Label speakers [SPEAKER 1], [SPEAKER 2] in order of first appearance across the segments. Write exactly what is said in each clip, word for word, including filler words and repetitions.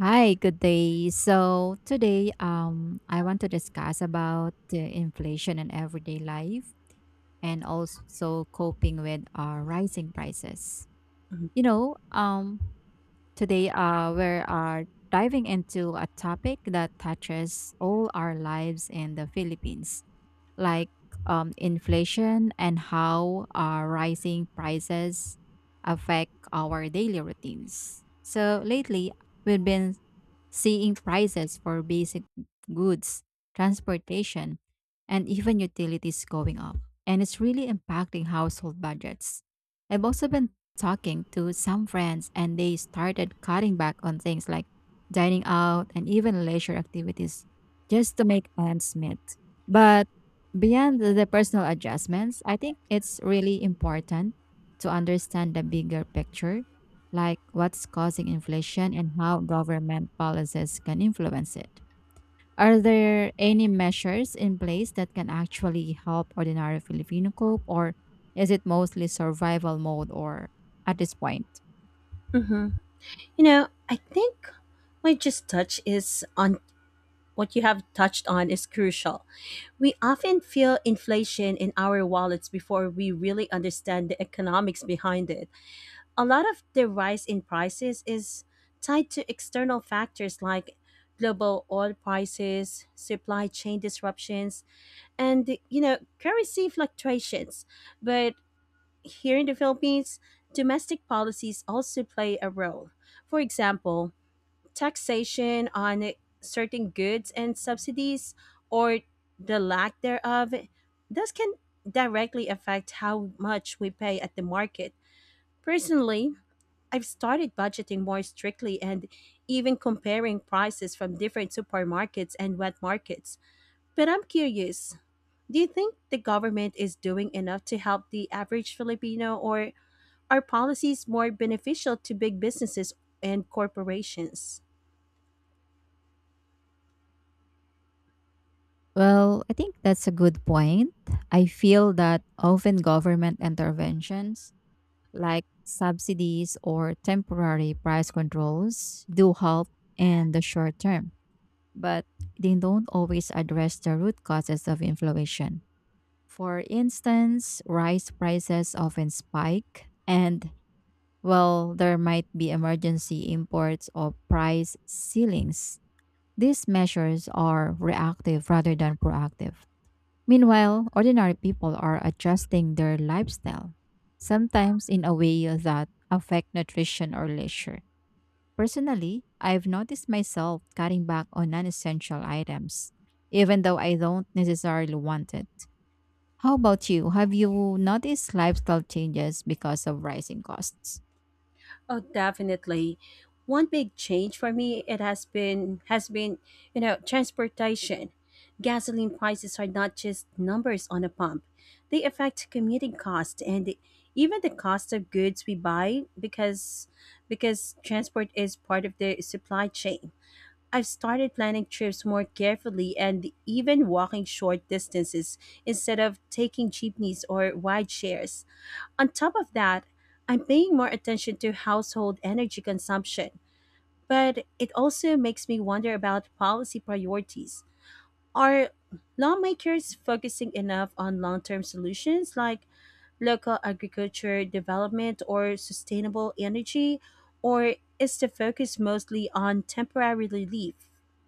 [SPEAKER 1] Hi, good day. So today, um, I want to discuss about the inflation in everyday life and also coping with our rising prices.
[SPEAKER 2] Mhm.
[SPEAKER 1] You know, um, Today, uh, we are diving into a topic that touches all our lives in the Philippines, like um, inflation and how our rising prices affect our daily routines. So lately, we've been seeing prices for basic goods, transportation, and even utilities going up. And it's really impacting household budgets. I've also been talking to some friends, and they started cutting back on things like dining out and even leisure activities just to make ends meet. But beyond the the personal adjustments, I think it's really important to understand the bigger picture, like what's causing inflation and how government policies can influence it. Are there any measures in place that can actually help ordinary Filipino cope, or is it mostly survival mode or at this point?
[SPEAKER 2] Mm-hmm. You know, I think my just touch is on what you have touched on is crucial. We often feel inflation in our wallets before we really understand the economics behind it. A lot of the rise in prices is tied to external factors like global oil prices, supply chain disruptions, and you know, currency fluctuations. But here in the Philippines, domestic policies also play a role. For example, taxation on certain goods and subsidies or the lack thereof, this can directly affect how much we pay at the market. Personally, I've started budgeting more strictly and even comparing prices from different supermarkets and wet markets. But I'm curious, do you think the government is doing enough to help the average Filipino or are policies more beneficial to big businesses and corporations?
[SPEAKER 1] Well, I think that's a good point. I feel that often government interventions like subsidies or temporary price controls do help in the short term, but they don't always address the root causes of inflation. For instance, rice prices often spike, and well, there might be emergency imports or price ceilings. These measures are reactive rather than proactive. Meanwhile, ordinary people are adjusting their lifestyle, sometimes in a way that affect nutrition or leisure. Personally, I've noticed myself cutting back on non essential items, even though I don't necessarily want it. How about you? Have you noticed lifestyle changes because of rising costs?
[SPEAKER 2] Oh, definitely. One big change for me it has been has been, you know, transportation. Gasoline prices are not just numbers on a pump. They affect commuting costs and the- even the cost of goods we buy because because transport is part of the supply chain. I've started planning trips more carefully and even walking short distances instead of taking jeepneys or ride shares. On top of that, I'm paying more attention to household energy consumption, but it also makes me wonder about policy priorities. Are lawmakers focusing enough on long term solutions like local agriculture development or sustainable energy? Or is the focus mostly on temporary relief,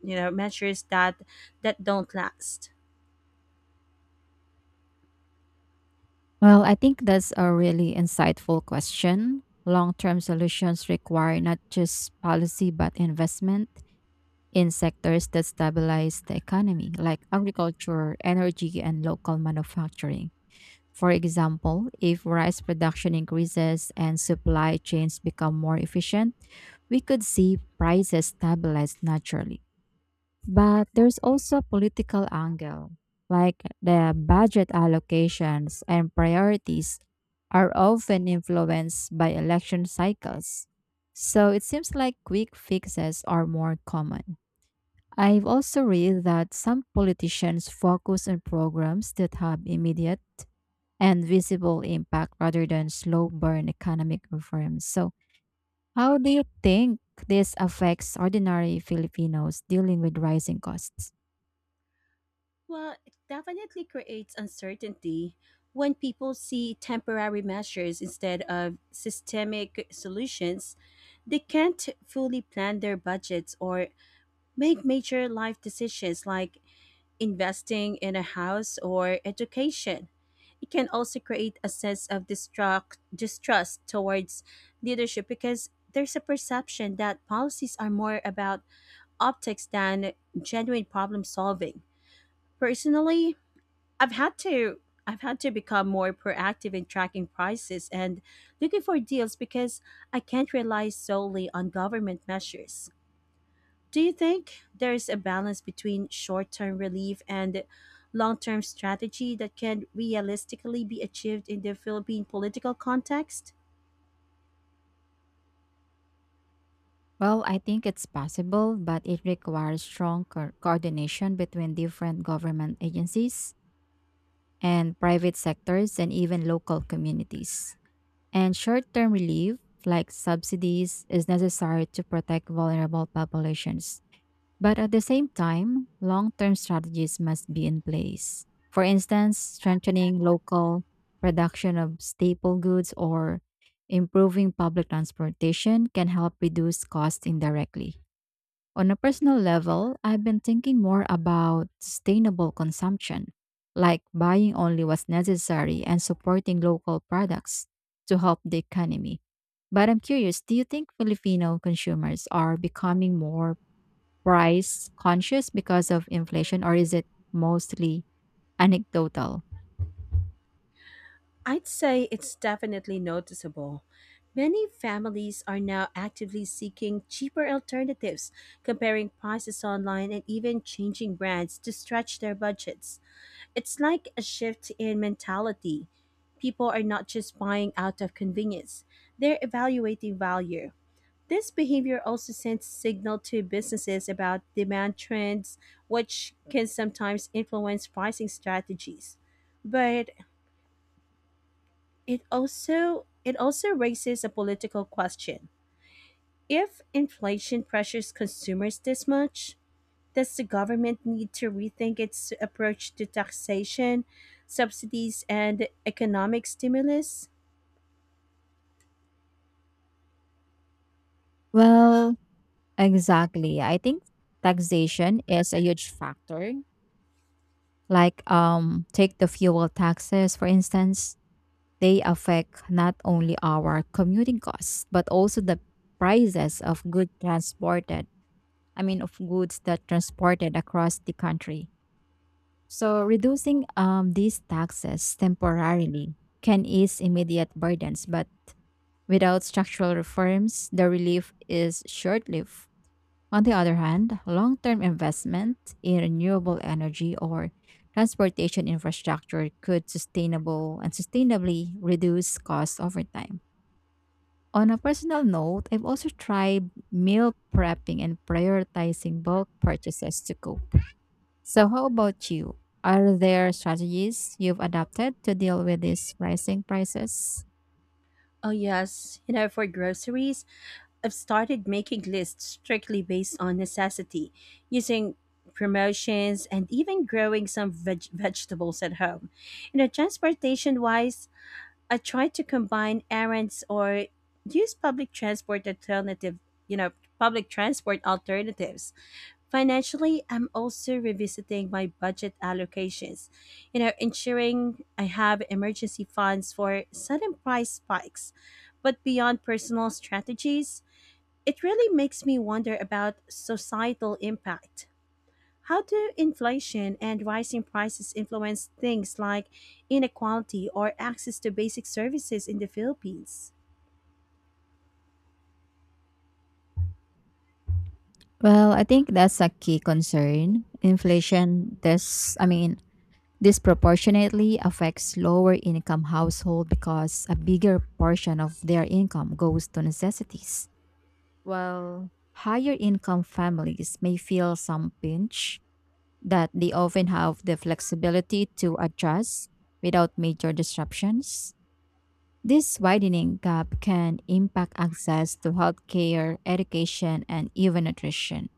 [SPEAKER 2] you know, measures that, that don't last?
[SPEAKER 1] Well, I think that's a really insightful question. Long term solutions require not just policy but investment in sectors that stabilize the economy, like agriculture, energy, and local manufacturing. For example, if rice production increases and supply chains become more efficient, we could see prices stabilize naturally. But there's also a political angle, like the budget allocations and priorities are often influenced by election cycles. So it seems like quick fixes are more common. I've also read that some politicians focus on programs that have immediate and visible impact rather than slow burn economic reforms. So, how do you think this affects ordinary Filipinos dealing with rising costs?
[SPEAKER 2] Well, it definitely creates uncertainty when people see temporary measures instead of systemic solutions they can't fully plan their budgets or make major life decisions like investing in a house or education. It can also create a sense of distrust, distrust towards leadership because there's a perception that policies are more about optics than genuine problem solving. Personally, I've had to I've had to become more proactive in tracking prices and looking for deals because I can't rely solely on government measures. Do you think there's a balance between short term relief and long term strategy that can realistically be achieved in the Philippine political context?
[SPEAKER 1] Well, I think it's possible, but it requires strong co- coordination between different government agencies and private sectors and even local communities. And short term relief, like subsidies, is necessary to protect vulnerable populations. But at the same time, long term strategies must be in place. For instance, strengthening local production of staple goods or improving public transportation can help reduce costs indirectly. On a personal level, I've been thinking more about sustainable consumption, like buying only what's necessary and supporting local products to help the economy. But I'm curious, do you think Filipino consumers are becoming more price conscious because of inflation, or is it mostly anecdotal?
[SPEAKER 2] I'd say it's definitely noticeable. Many families are now actively seeking cheaper alternatives, comparing prices online and even changing brands to stretch their budgets. It's like a shift in mentality. People are not just buying out of convenience, they're evaluating value. This behavior also sends signal to businesses about demand trends, which can sometimes influence pricing strategies. But it also it also raises a political question. If inflation pressures consumers this much, does the government need to rethink its approach to taxation, subsidies, and economic stimulus?
[SPEAKER 1] Well, exactly. I think taxation is a huge factor. Like um take the fuel taxes for instance, they affect not only our commuting costs but also the prices of goods transported. I mean of goods that transported across the country. So reducing um these taxes temporarily can ease immediate burdens, but without structural reforms, the relief is short lived. On the other hand, long term investment in renewable energy or transportation infrastructure could sustainable and sustainably reduce costs over time. On a personal note, I've also tried meal prepping and prioritizing bulk purchases to cope. So, how about you? Are there strategies you've adopted to deal with these rising prices?
[SPEAKER 2] Oh, yes. You know, for groceries, I've started making lists strictly based on necessity, using promotions and even growing some veg- vegetables at home. You know, transportation wise, I try to combine errands or use public transport alternative, you know, public transport alternatives. Financially, I'm also revisiting my budget allocations, you know, ensuring I have emergency funds for sudden price spikes. But beyond personal strategies, it really makes me wonder about societal impact. How do inflation and rising prices influence things like inequality or access to basic services in the Philippines?
[SPEAKER 1] Well, I think that's a key concern. Inflation this I mean disproportionately affects lower income household because a bigger portion of their income goes to necessities. While higher income families may feel some pinch that they often have the flexibility to adjust without major disruptions. This widening gap can impact access to healthcare, education, and even nutrition.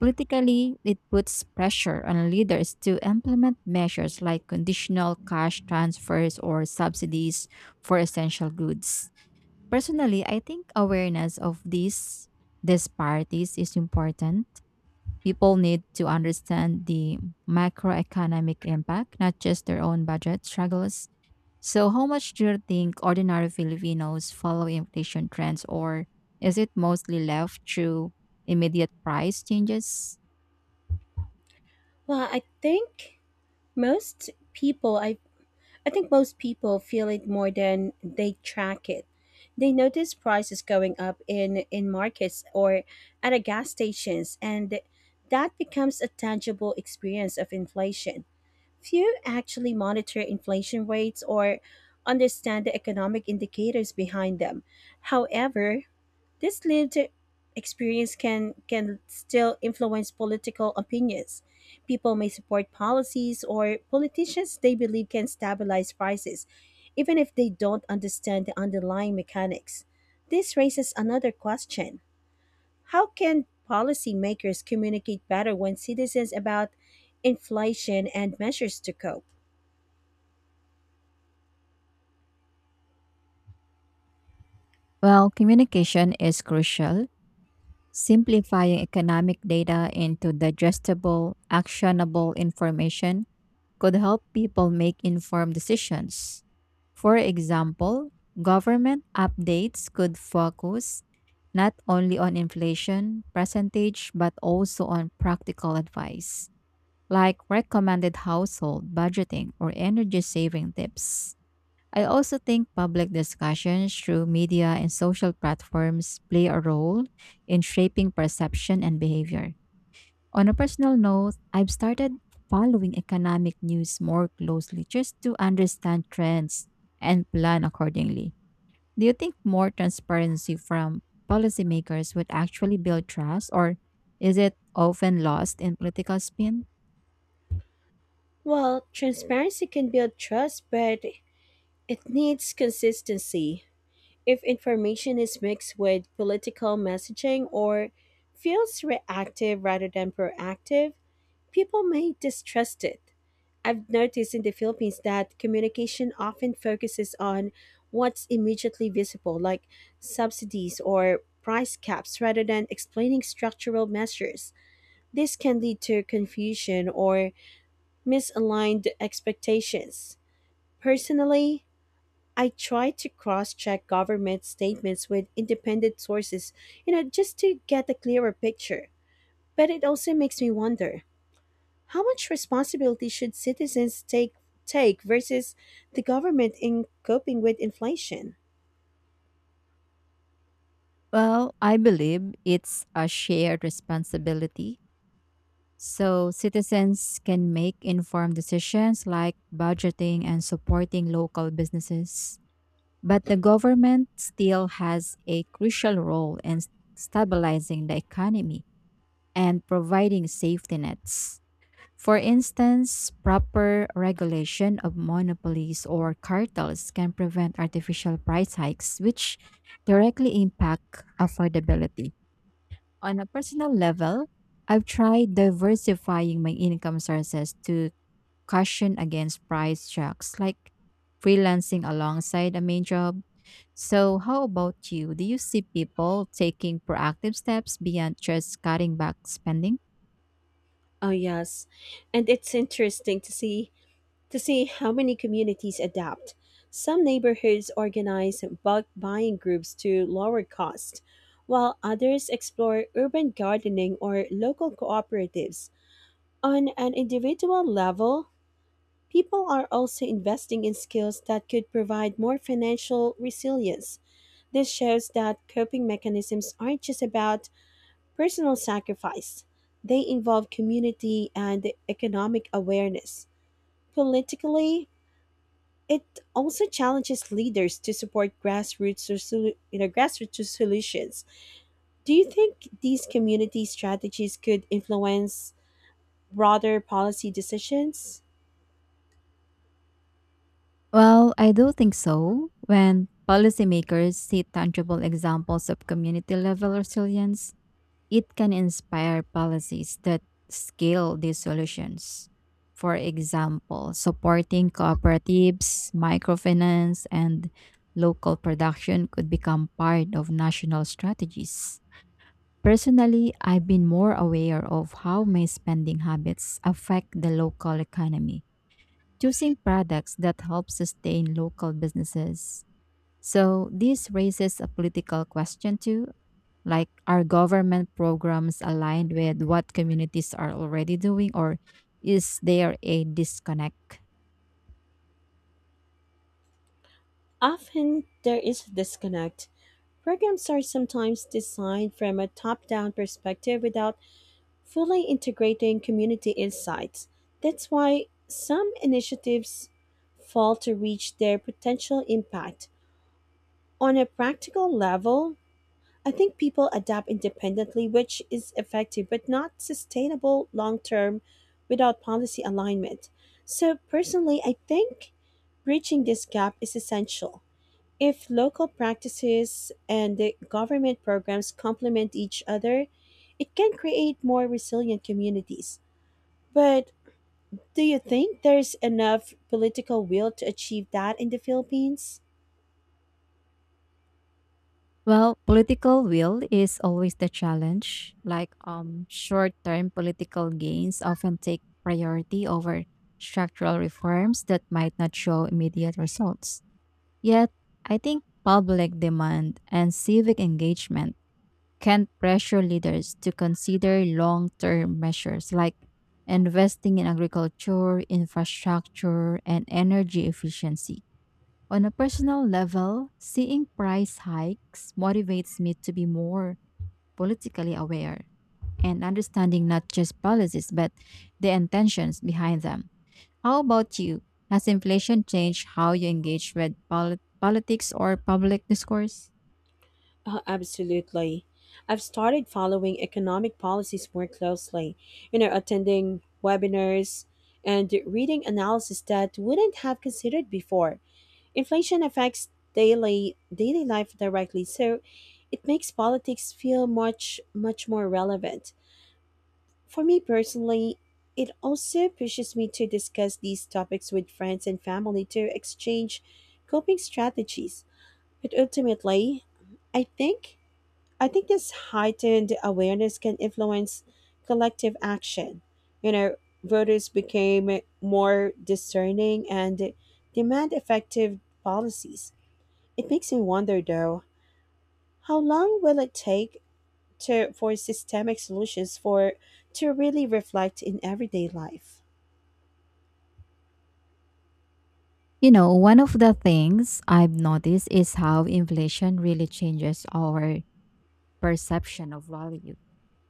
[SPEAKER 1] Politically, it puts pressure on leaders to implement measures like conditional cash transfers or subsidies for essential goods. Personally, I think awareness of these disparities is important. People need to understand the macroeconomic impact, not just their own budget struggles. So, how much do you think ordinary Filipinos follow inflation trends, or is it mostly left through immediate price changes?
[SPEAKER 2] Well, I think most people I I think most people feel it more than they track it. They notice prices going up in in markets or at a gas stations and that becomes a tangible experience of inflation. Few actually monitor inflation rates or understand the economic indicators behind them. However, this lived experience can can still influence political opinions. People may support policies or politicians they believe can stabilize prices, even if they don't understand the underlying mechanics. This raises another question. How can policymakers communicate better when citizens about inflation and measures to cope?
[SPEAKER 1] Well, communication is crucial. Simplifying economic data into digestible, actionable information could help people make informed decisions. For example, government updates could focus not only on inflation percentage but also on practical advice like recommended household budgeting or energy saving tips. I also think public discussions through media and social platforms play a role in shaping perception and behavior. On a personal note, I've started following economic news more closely just to understand trends and plan accordingly. Do you think more transparency from policymakers would actually build trust, or is it often lost in political spin?
[SPEAKER 2] Well, transparency can build trust, but it needs consistency. If information is mixed with political messaging or feels reactive rather than proactive, people may distrust it. I've noticed in the Philippines that communication often focuses on what's immediately visible, like subsidies or price caps, rather than explaining structural measures. This can lead to confusion or misaligned expectations. Personally, I try to cross check government statements with independent sources, you know, just to get a clearer picture. But it also makes me wonder how much responsibility should citizens take, take versus the government in coping with inflation?
[SPEAKER 1] Well, I believe it's a shared responsibility, so citizens can make informed decisions like budgeting and supporting local businesses. But the government still has a crucial role in s- stabilizing the economy and providing safety nets. For instance, proper regulation of monopolies or cartels can prevent artificial price hikes, which directly impact affordability. On a personal level, I've tried diversifying my income sources to caution against price shocks, like freelancing alongside a main job. So, how about you? Do you see people taking proactive steps beyond just cutting back spending?
[SPEAKER 2] Oh, yes. And it's interesting to see to see how many communities adapt. Some neighborhoods organize bulk buying groups to lower cost, while others explore urban gardening or local cooperatives. On an individual level, people are also investing in skills that could provide more financial resilience. This shows that coping mechanisms aren't just about personal sacrifice, they involve community and economic awareness. Politically, it also challenges leaders to support grassroots, resolu- you know, grassroots solutions. Do you think these community strategies could influence broader policy decisions?
[SPEAKER 1] Well, I do think so. When policymakers see tangible examples of community level resilience, it can inspire policies that scale these solutions. For example, supporting cooperatives, microfinance, and local production could become part of national strategies. Personally, I've been more aware of how my spending habits affect the local economy, choosing products that help sustain local businesses. So, this raises a political question too, like, are government programs aligned with what communities are already doing, or is there a disconnect?
[SPEAKER 2] Often there is a disconnect. Programs are sometimes designed from a top down perspective without fully integrating community insights. That's why some initiatives fail to reach their potential impact. On a practical level, I think people adapt independently, which is effective but not sustainable long term without policy alignment. So, personally, I think bridging this gap is essential. If local practices and the government programs complement each other, it can create more resilient communities. But do you think there's enough political will to achieve that in the Philippines?
[SPEAKER 1] Well, political will is always the challenge. Like, um, short term political gains often take priority over structural reforms that might not show immediate results. Yet, I think public demand and civic engagement can pressure leaders to consider long term measures like investing in agriculture, infrastructure, and energy efficiency. On a personal level, seeing price hikes motivates me to be more politically aware and understanding not just policies but the intentions behind them. How about you? Has inflation changed how you engage with polit- politics or public discourse?
[SPEAKER 2] Uh, absolutely. I've started following economic policies more closely, you know, attending webinars and reading analysis that wouldn't have considered before. Inflation affects daily daily life directly, so it makes politics feel much much more relevant. For me personally, it also pushes me to discuss these topics with friends and family to exchange coping strategies. But ultimately, I think I think this heightened awareness can influence collective action. You know, voters became more discerning and demand effective policies. It makes me wonder though, how long will it take to for systemic solutions for to really reflect in everyday life?
[SPEAKER 1] You know, one of the things I've noticed is how inflation really changes our perception of value.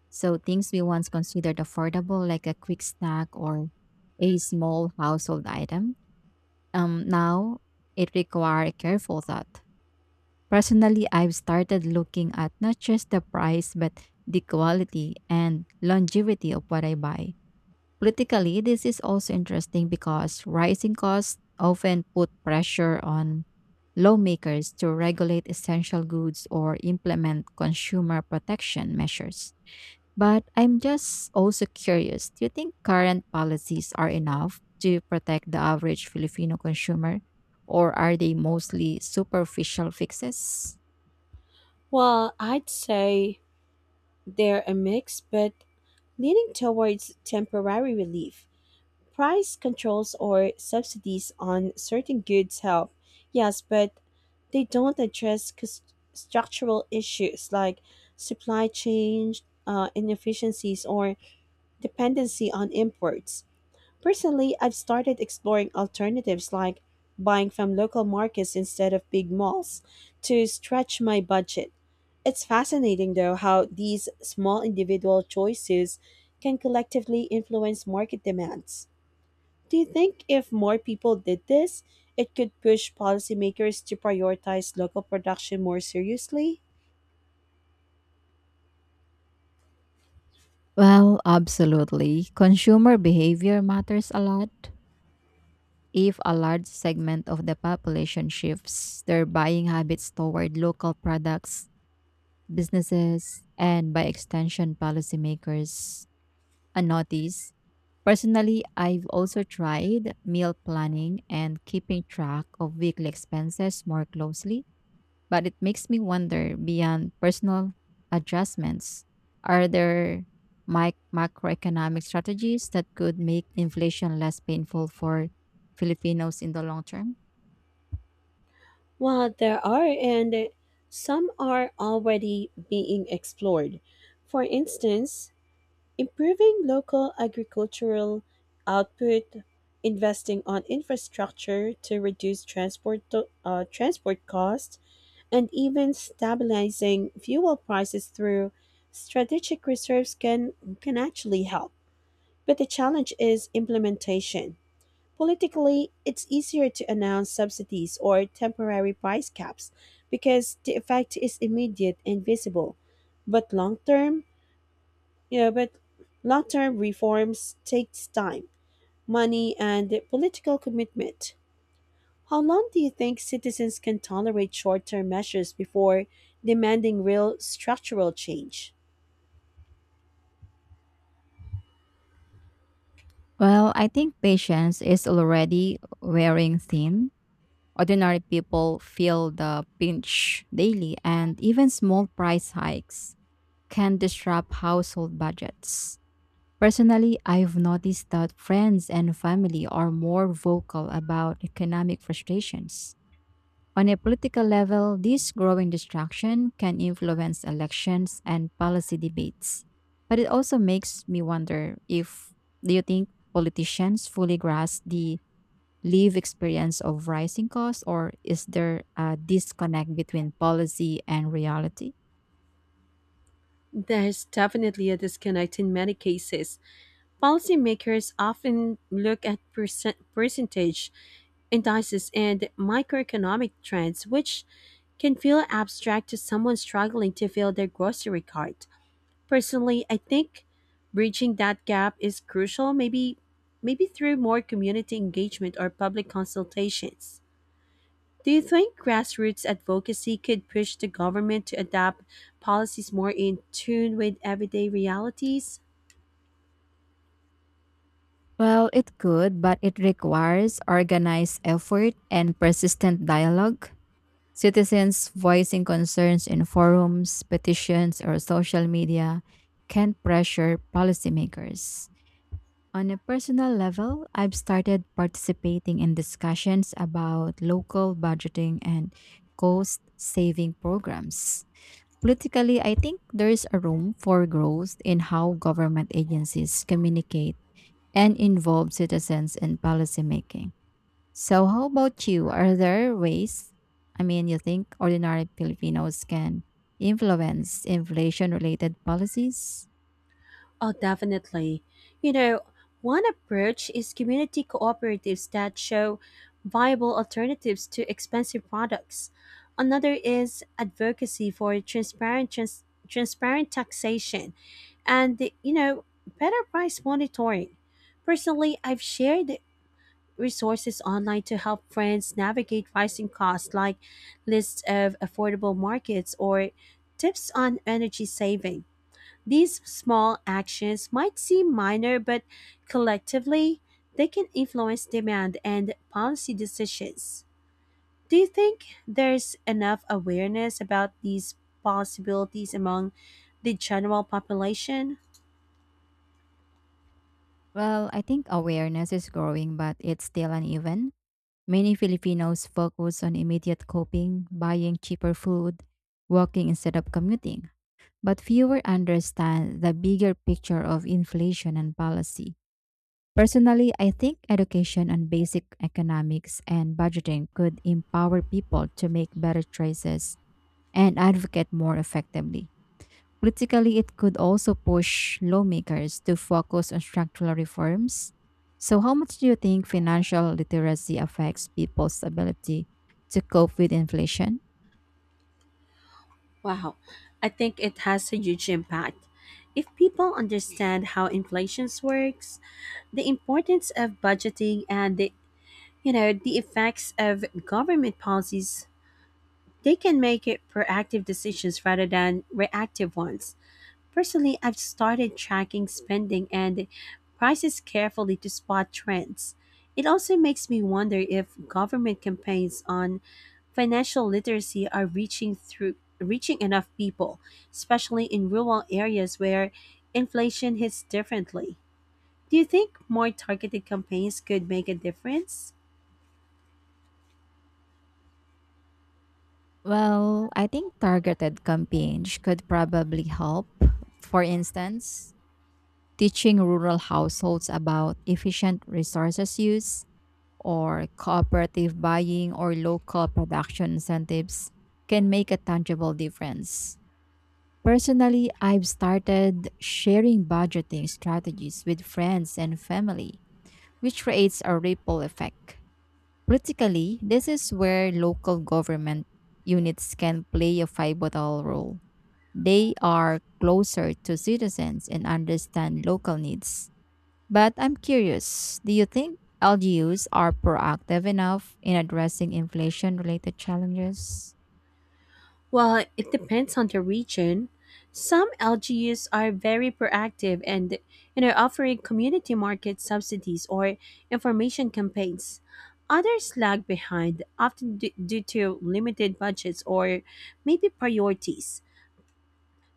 [SPEAKER 1] So, things we once considered affordable, like a quick snack or a small household item, um, now it requires careful thought. Personally, I've started looking at not just the price, but the quality and longevity of what I buy. Politically, this is also interesting because rising costs often put pressure on lawmakers to regulate essential goods or implement consumer protection measures. But I'm just also curious, do you think current policies are enough to protect the average Filipino consumer, or are they mostly superficial fixes?
[SPEAKER 2] Well, I'd say they're a mix, but leaning towards temporary relief. Price controls or subsidies on certain goods help, yes, but they don't address cus- structural issues like supply chain uh, inefficiencies or dependency on imports. Personally, I've started exploring alternatives like buying from local markets instead of big malls to stretch my budget. It's fascinating, though, how these small individual choices can collectively influence market demands. Do you think if more people did this, it could push policymakers to prioritize local production more seriously?
[SPEAKER 1] Well, absolutely. Consumer behavior matters a lot. If a large segment of the population shifts their buying habits toward local products, businesses, and by extension, policymakers a notice. Personally, I've also tried meal planning and keeping track of weekly expenses more closely, but it makes me wonder beyond personal adjustments, are there mic- macroeconomic strategies that could make inflation less painful for Filipinos in the long term?
[SPEAKER 2] Well, there are, and some are already being explored. For instance, improving local agricultural output, investing on infrastructure to reduce transport to, uh, transport costs, and even stabilizing fuel prices through strategic reserves can can actually help. But the challenge is implementation. Politically, it's easier to announce subsidies or temporary price caps because the effect is immediate and visible. But long term, you know, but long term reforms takes time, money, and political commitment. How long do you think citizens can tolerate short term measures before demanding real structural change?
[SPEAKER 1] Well, I think patience is already wearing thin. Ordinary people feel the pinch daily, and even small price hikes can disrupt household budgets. Personally, I've noticed that friends and family are more vocal about economic frustrations. On a political level, this growing distraction can influence elections and policy debates. But it also makes me wonder if, do you think politicians fully grasp the live experience of rising costs or is there a disconnect between policy and reality?
[SPEAKER 2] There's definitely a disconnect in many cases. Policymakers often look at percent, percentage indices and microeconomic trends, which can feel abstract to someone struggling to fill their grocery cart. Personally, I think bridging that gap is crucial, maybe maybe through more community engagement or public consultations. Do you think grassroots advocacy could push the government to adapt policies more in tune with everyday realities?
[SPEAKER 1] Well, it could, but it requires organized effort and persistent dialogue. Citizens voicing concerns in forums, petitions, or social media can pressure policymakers. On a personal level, I've started participating in discussions about local budgeting and cost saving programs. Politically, I think there is a room for growth in how government agencies communicate and involve citizens in policymaking. So, how about you? Are there ways, I mean, you think ordinary Filipinos can influence inflation related policies?
[SPEAKER 2] Oh, definitely. You know, one approach is community cooperatives that show viable alternatives to expensive products. Another is advocacy for transparent trans- transparent taxation and, you know, better price monitoring. Personally, I've shared resources online to help friends navigate rising costs like lists of affordable markets or tips on energy saving. These small actions might seem minor, but collectively, they can influence demand and policy decisions. Do you think there's enough awareness about these possibilities among the general population?
[SPEAKER 1] Well, I think awareness is growing, but it's still uneven. Many Filipinos focus on immediate coping, buying cheaper food, walking instead of commuting. But fewer understand the bigger picture of inflation and policy. Personally, I think education on basic economics and budgeting could empower people to make better choices and advocate more effectively. Politically, it could also push lawmakers to focus on structural reforms. So, how much do you think financial literacy affects people's ability to cope with inflation?
[SPEAKER 2] Wow, I think it has a huge impact. If people understand how inflation works, the importance of budgeting and the you know the effects of government policies they can make it proactive decisions rather than reactive ones. Personally, I've started tracking spending and prices carefully to spot trends. It also makes me wonder if government campaigns on financial literacy are reaching through reaching enough people, especially in rural areas where inflation hits differently. Do you think more targeted campaigns could make a difference?
[SPEAKER 1] Well, I think targeted campaigns could probably help. For instance, teaching rural households about efficient resources use or cooperative buying or local production incentives can make a tangible difference. Personally, I've started sharing budgeting strategies with friends and family, which creates a ripple effect. Politically, this is where local government units can play a pivotal role. They are closer to citizens and understand local needs, but I'm curious, do you think L G Us are proactive enough in addressing inflation related challenges?
[SPEAKER 2] Well, it depends on the region. Some L G Us are very proactive and you know offering community market subsidies or information campaigns. Others lag behind, often d- due to limited budgets or maybe priorities.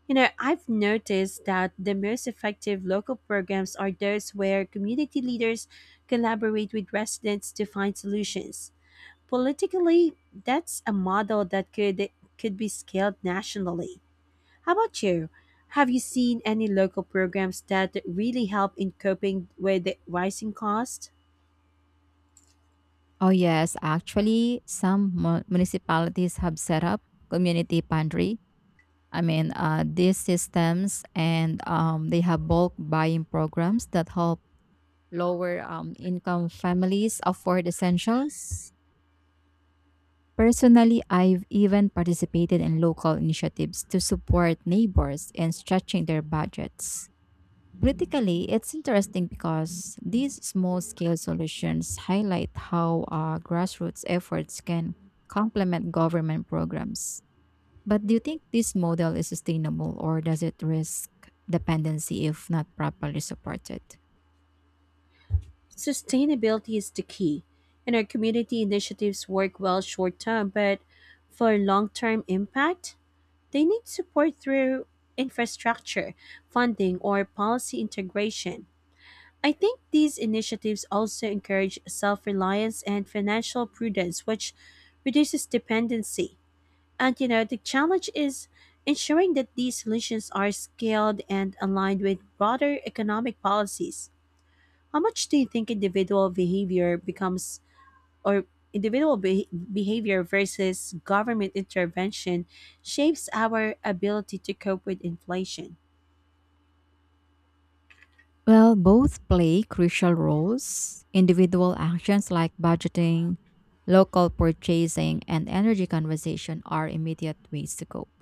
[SPEAKER 2] You know, I've noticed that the most effective local programs are those where community leaders collaborate with residents to find solutions. Politically, that's a model that could could be scaled nationally. How about you? Have you seen any local programs that really help in coping with the rising cost?
[SPEAKER 1] Oh, yes, actually, some mu- municipalities have set up community pantry. I mean, uh, these systems and um, they have bulk buying programs that help lower um, income families afford essentials. Personally, I've even participated in local initiatives to support neighbors in stretching their budgets. Critically, it's interesting because these small scale solutions highlight how uh, grassroots efforts can complement government programs. But do you think this model is sustainable or does it risk dependency if not properly supported?
[SPEAKER 2] Sustainability is the key, and our community initiatives work well short term, but for long term impact, they need support through infrastructure, funding, or policy integration. I think these initiatives also encourage self reliance and financial prudence, which reduces dependency. And you know, the challenge is ensuring that these solutions are scaled and aligned with broader economic policies. How much do you think individual behavior becomes, or individual be- behavior versus government intervention shapes our ability to cope with inflation?
[SPEAKER 1] Well, both play crucial roles. Individual actions like budgeting, local purchasing, and energy conservation are immediate ways to cope.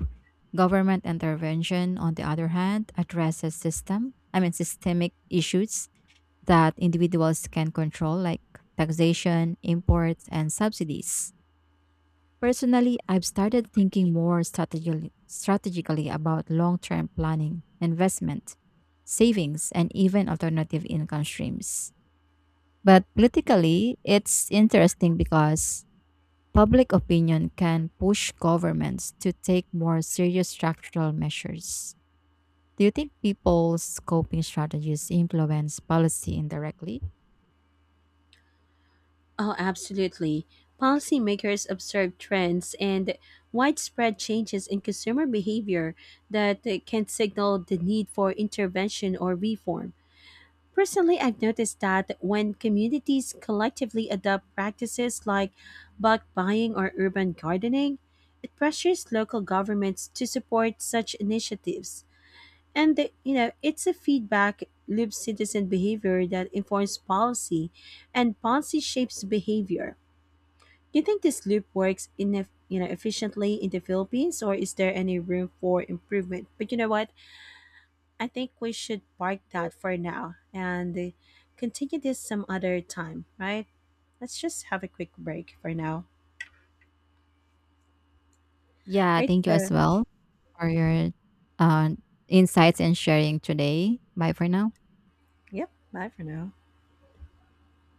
[SPEAKER 1] Government intervention, on the other hand, addresses system, I mean systemic issues that individuals can control like taxation, imports, and subsidies. Personally, I've started thinking more strategically, strategically about long term planning, investment, savings, and even alternative income streams. But politically, it's interesting because public opinion can push governments to take more serious structural measures. Do you think people's coping strategies influence policy indirectly?
[SPEAKER 2] Oh, absolutely. Policymakers observe trends and widespread changes in consumer behavior that uh, can signal the need for intervention or reform. Personally, I've noticed that when communities collectively adopt practices like bulk buying or urban gardening, it pressures local governments to support such initiatives. And the, you know, it's a feedback loop citizen behavior that informs policy, and policy shapes behavior. Do you think this loop works in eff- you know efficiently in the Philippines, or is there any room for improvement? But you know what? I think we should park that for now and uh, continue this some other time, right? Let's just have a quick break for now.
[SPEAKER 1] Yeah,
[SPEAKER 2] Right.
[SPEAKER 1] thank you as
[SPEAKER 2] So,
[SPEAKER 1] well for your uh, insights and sharing today. Bye for now.
[SPEAKER 2] yep. Bye for now.